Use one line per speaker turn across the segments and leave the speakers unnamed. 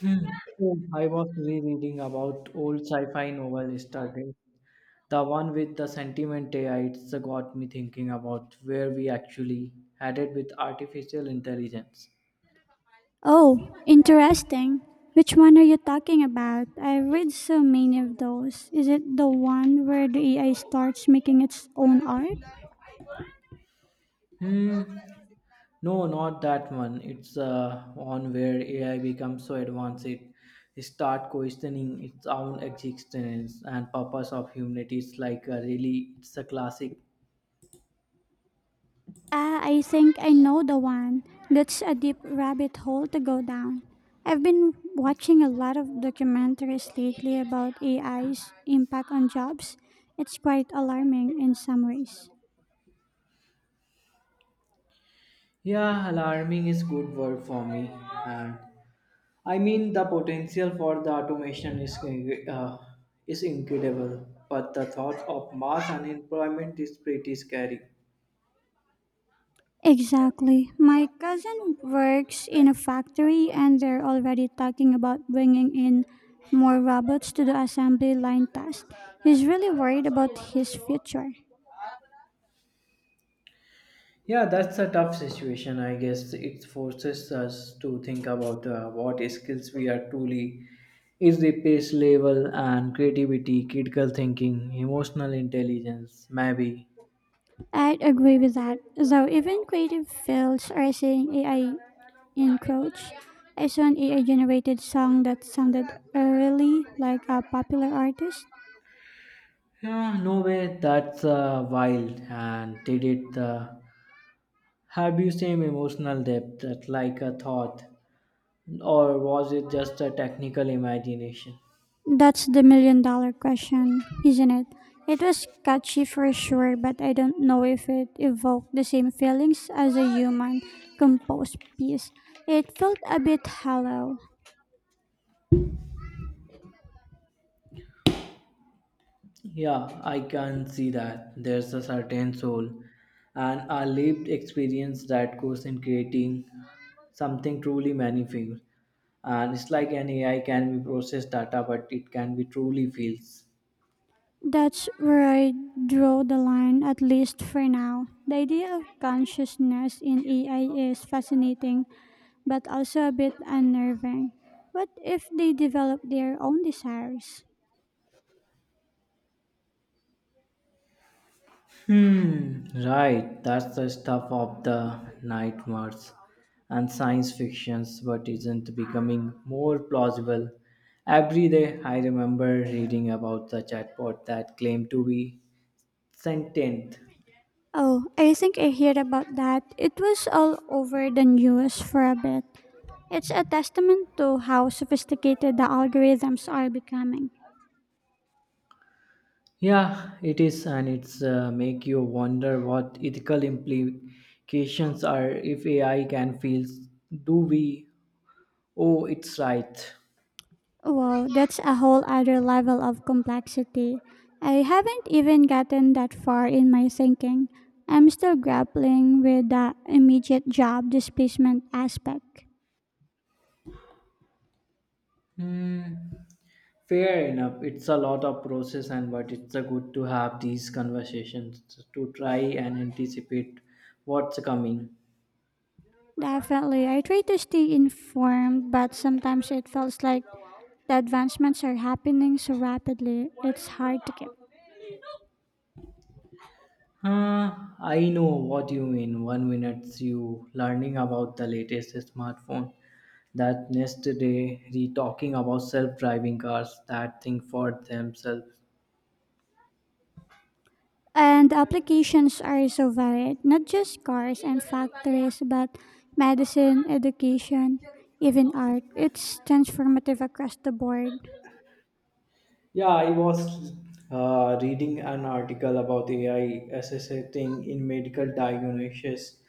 Hmm. So I was rereading about old sci-fi novel yesterday. The one with the sentiment AI, it's got me thinking about where we actually headed with artificial intelligence.
Oh, interesting. Which one are you talking about? I read so many of those. Is it the one where the AI starts making its own art?
Hmm. No, not that one. It's one where AI becomes so advanced it start questioning its own existence and purpose of humanity. It's like a really, it's a classic.
Ah, I think I know the one. That's a deep rabbit hole to go down. I've been watching a lot of documentaries lately about AI's impact on jobs. It's quite alarming in some ways.
Yeah, alarming is good word for me. And I mean, the potential for the automation uh, is incredible, but the thought of mass unemployment is pretty scary.
Exactly. My cousin works in a factory and they're already talking about bringing in more robots to the assembly line task. He's really worried about his future.
Yeah, that's a tough situation. I guess it forces us to think about what skills we are truly is the pace level and creativity, critical thinking, emotional intelligence, maybe.
I'd agree with that. Though even creative fields are seeing AI encroach. I saw an AI generated song that sounded really like a popular artist.
Yeah, no way. That's wild. And did it have you same emotional depth that like a thought, or was it just a technical imagination?
That's the million dollar question, isn't it? It was catchy for sure, but I don't know if it evoked the same feelings as a human composed piece. It felt a bit hollow.
Yeah, I can see that. There's a certain soul and a lived experience that goes in creating something truly meaningful. And it's like an AI can be processed data, but it can be truly feels.
That's where I draw the line, at least for now. The idea of consciousness in AI is fascinating, but also a bit unnerving. What if they develop their own desires?
Hmm, right. That's the stuff of the nightmares and science fictions, but isn't becoming more plausible. Every day I remember reading about the chatbot that claimed to be sentient.
Oh, I think I heard about that. It was all over the news for a bit. It's a testament to how sophisticated the algorithms are becoming.
Yeah, it is, and it's make you wonder what ethical implications are if AI can feel. Do we? Oh, it's right.
Wow, that's a whole other level of complexity. I haven't even gotten that far in my thinking. I'm still grappling with the immediate job displacement aspect.
Hmm. Fair enough. It's a lot of process, and but it's a good to have these conversations to try and anticipate what's coming.
Definitely, I try to stay informed, but sometimes it feels like the advancements are happening so rapidly, it's hard to keep.
Huh, I know what you mean. One minute you learning about the latest smartphone, that next day re talking about self-driving cars, that think for themselves.
And applications are so varied, not just cars and factories, but medicine, education, even art. It's transformative across the board.
Yeah, I was reading an article about AI assisting in medical diagnosis.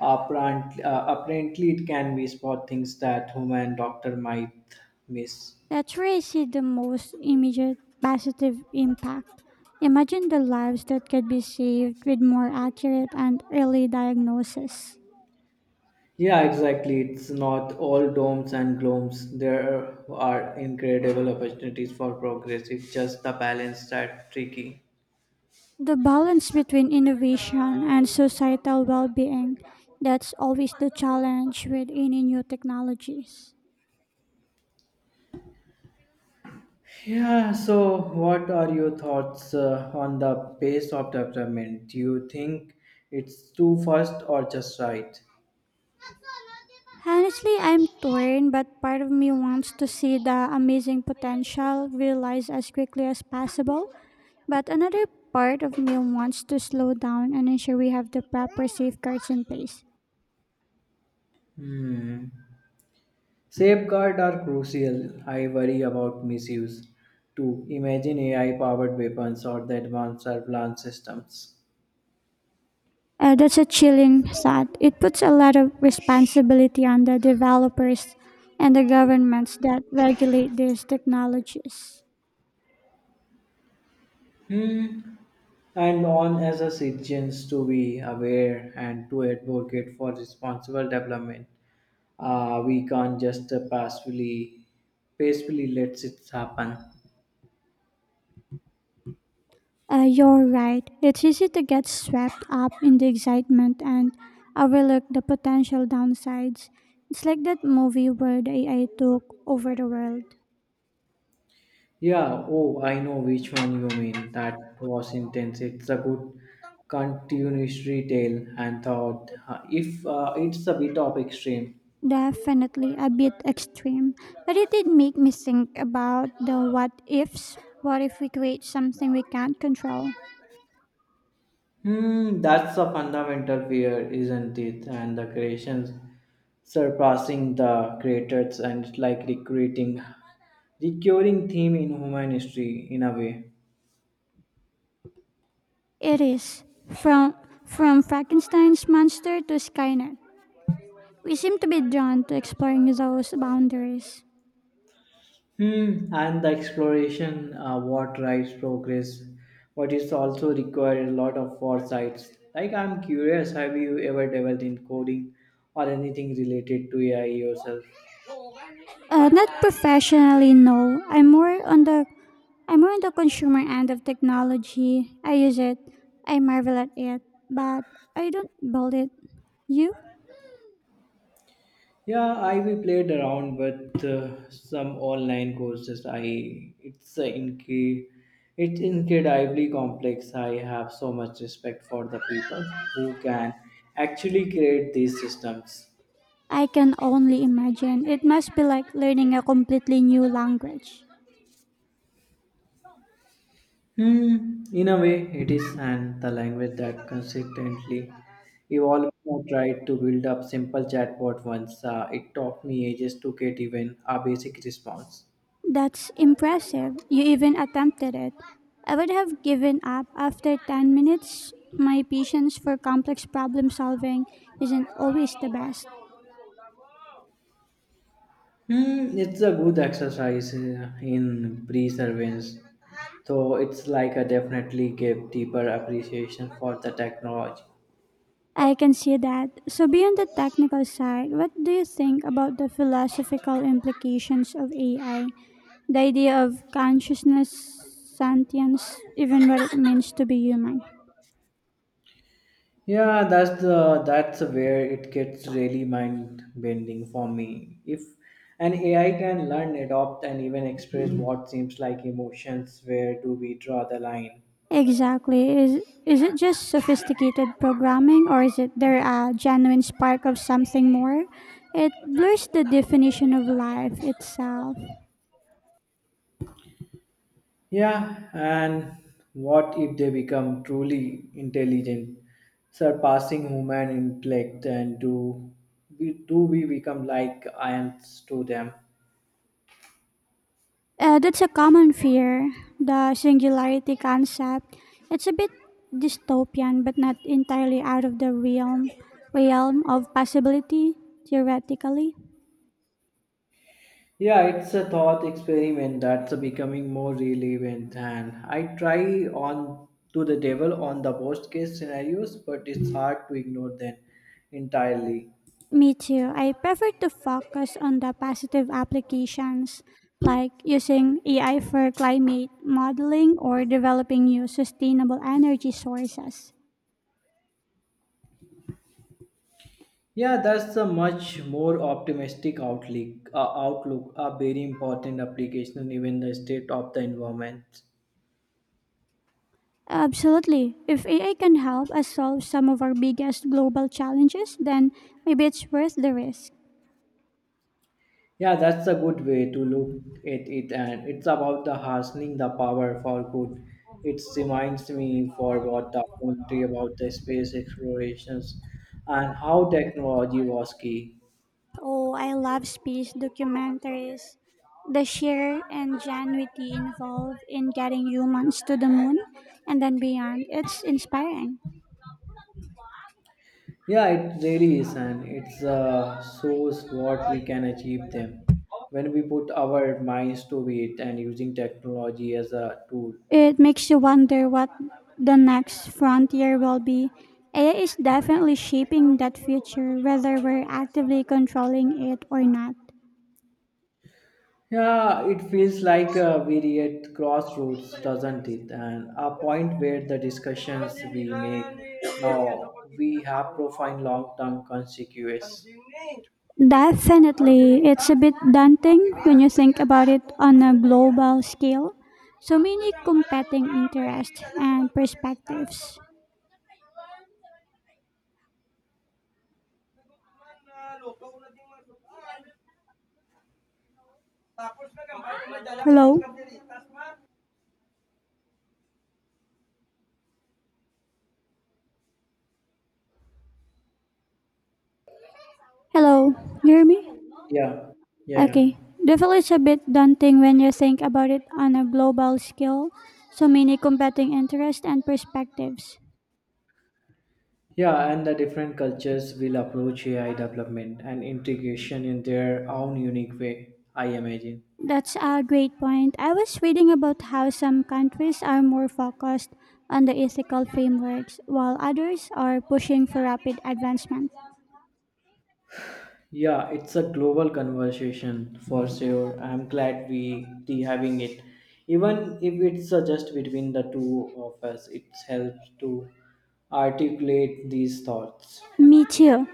Apparently, apparently, it can be spot things that human doctor might miss.
That's where I see the most immediate positive impact. Imagine the lives that could be saved with more accurate and early diagnosis.
Yeah, exactly. It's not all dooms and glooms. There are incredible opportunities for progress. It's just the balance that's tricky.
The balance between innovation and societal well being, that's always the challenge with any new technologies.
Yeah, so what are your thoughts on the pace of development? Do you think it's too fast or just right?
Honestly, I'm torn, but part of me wants to see the amazing potential realized as quickly as possible. But another part of me wants to slow down and ensure we have the proper safeguards in place.
Hmm. Safeguards are crucial. I worry about misuse. Too. Imagine AI powered weapons or the advanced surveillance systems.
That's a chilling thought. It puts a lot of responsibility on the developers and the governments that regulate these technologies.
Hmm. And on as a citizens to be aware and to advocate for responsible development. We can't just passively, peacefully let it happen.
You're right. It's easy to get swept up in the excitement and overlook the potential downsides. It's like that movie where the AI took over the world.
Yeah, oh, I know which one you mean. That was intense. It's a good continuity tale and thought. If it's a bit of extreme.
Definitely a bit extreme, but it did make me think about the what ifs. What if we create something we can't control?
Hmm, that's a fundamental fear, isn't it? And the creations surpassing the creators and like recreating recurring theme in human history in a way.
It is from Frankenstein's monster to Skynet. We seem to be drawn to exploring those boundaries.
Hmm, and the exploration, what drives progress, what is also required a lot of foresights. Like, I'm curious, have you ever developed in coding or anything related to AI yourself?
Not professionally, no. I'm more on the I'm more on the consumer end of technology. I use it. I marvel at it, but I don't build it. You?
Yeah, I we played around with some online courses. It's uh, incre- it's incredibly complex. I have so much respect for the people who can actually create these systems.
I can only imagine. It must be like learning a completely new language.
Hmm, in a way, it is, and the language that consistently evolved. I tried to build up simple chatbot once. It took me ages to get even a basic response.
That's impressive. You even attempted it. I would have given up after 10 minutes. My patience for complex problem solving isn't always the best.
Hmm, it's a good exercise in perseverance, though it's like a definitely gave deeper appreciation for the technology.
I can see that. So, beyond the technical side, what do you think about the philosophical implications of AI? The idea of consciousness, sentience, even what it means to be human?
Yeah, that's where it gets really mind bending for me. If an AI can learn, adopt, and even express what seems like emotions, where do we draw the line?
Exactly. Is it just sophisticated programming or is it there a genuine spark of something more? It blurs the definition of life itself.
Yeah, and what if they become truly intelligent, surpassing human intellect, and do we become like ants to them?
That's a common fear, the singularity concept. It's a bit dystopian, but not entirely out of the realm realm of possibility theoretically.
Yeah, it's a thought experiment that's becoming more relevant, and I try on to the devil on the worst case scenarios, but it's hard to ignore them entirely.
Me too. I prefer to focus on the positive applications, like using AI for climate modeling or developing new sustainable energy sources.
Yeah, that's a much more optimistic outlook. A very important application, even the state of the environment.
Absolutely. If AI can help us solve some of our biggest global challenges, then maybe it's worth the risk.
Yeah, that's a good way to look at it, and it's about the harnessing the power for good. It reminds me for what the documentary about the space explorations and how technology was key.
Oh, I love space documentaries. The sheer ingenuity involved in getting humans to the moon and then beyond, it's inspiring.
Yeah, it really is, and it's shows what we can achieve them when we put our minds to it and using technology as a tool.
It makes you wonder what the next frontier will be. AI is definitely shaping that future, whether we're actively controlling it or not.
Yeah, it feels like we're at crossroads, doesn't it? And a point where the discussions we make now we have profound long-term consequences.
Definitely, it's a bit daunting when you think about it on a global scale. So many competing interests and perspectives. Hello? Hello, you hear me?
Yeah, yeah,
Okay. Definitely it's a bit daunting when you think about it on a global scale. So many competing interests and perspectives.
yeah. And the different cultures will approach AI development and integration in their own unique way. I imagine.
That's a great point. I was reading about how some countries are more focused on the ethical frameworks while others are pushing for rapid advancement.
Yeah, it's a global conversation for sure. I'm glad we be having it. Even if it's just between the two of us, it helps to articulate these thoughts.
Me too.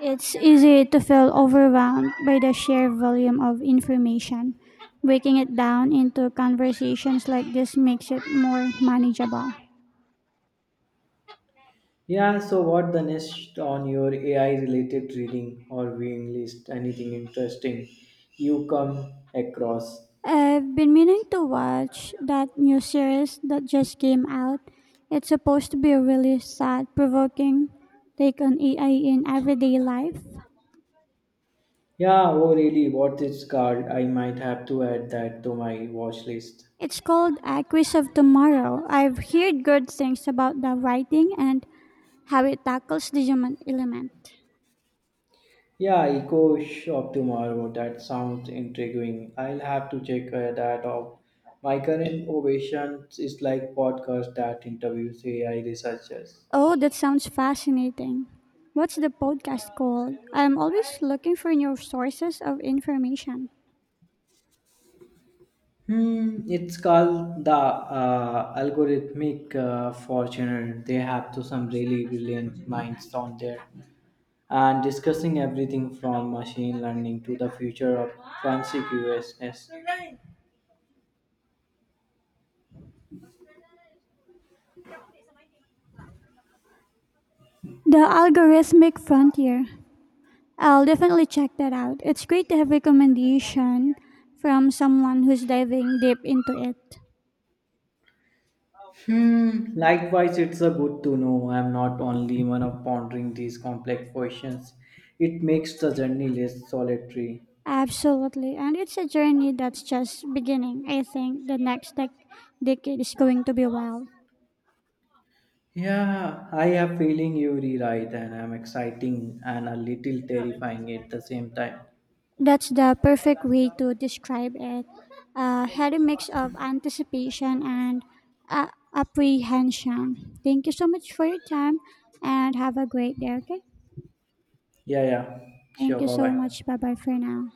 It's easy to feel overwhelmed by the sheer volume of information. Breaking it down into conversations like this makes it more manageable.
Yeah, so what the next on your AI related reading or viewing list? Anything interesting you come across?
I've been meaning to watch that new series that just came out. It's supposed to be a really sad, provoking take on AI in everyday life.
Yeah, oh really, what is called? I might have to add that to my watch list.
It's called Actress of Tomorrow. I've heard good things about the writing and how it tackles the human element.
Yeah, Eco Shop tomorrow. That sounds intriguing. I'll have to check that out. My current ovation is like podcast that interviews AI researchers.
Oh, that sounds fascinating. What's the podcast called? I'm always looking for new sources of information.
Hmm, it's called the algorithmic fortune. They have to some really brilliant minds on there, and discussing everything from machine learning to the future of consciousness.
The Algorithmic Frontier. I'll definitely check that out. It's great to have recommendation from someone who's diving deep into it.
Hmm, likewise, it's a good to know I'm not only one of pondering these complex questions. It makes the journey less solitary.
Absolutely. And it's a journey that's just beginning. I think the next decade is going to be wild.
Yeah, I have feeling you rewrite and I'm exciting and a little terrifying at the same time.
That's the perfect way to describe it. Had a mix of anticipation and uh, apprehension. Thank you so much for your time and have a great day, okay?
Yeah, yeah. Sure,
Thank you
bye
so
bye.
much. Bye bye for now.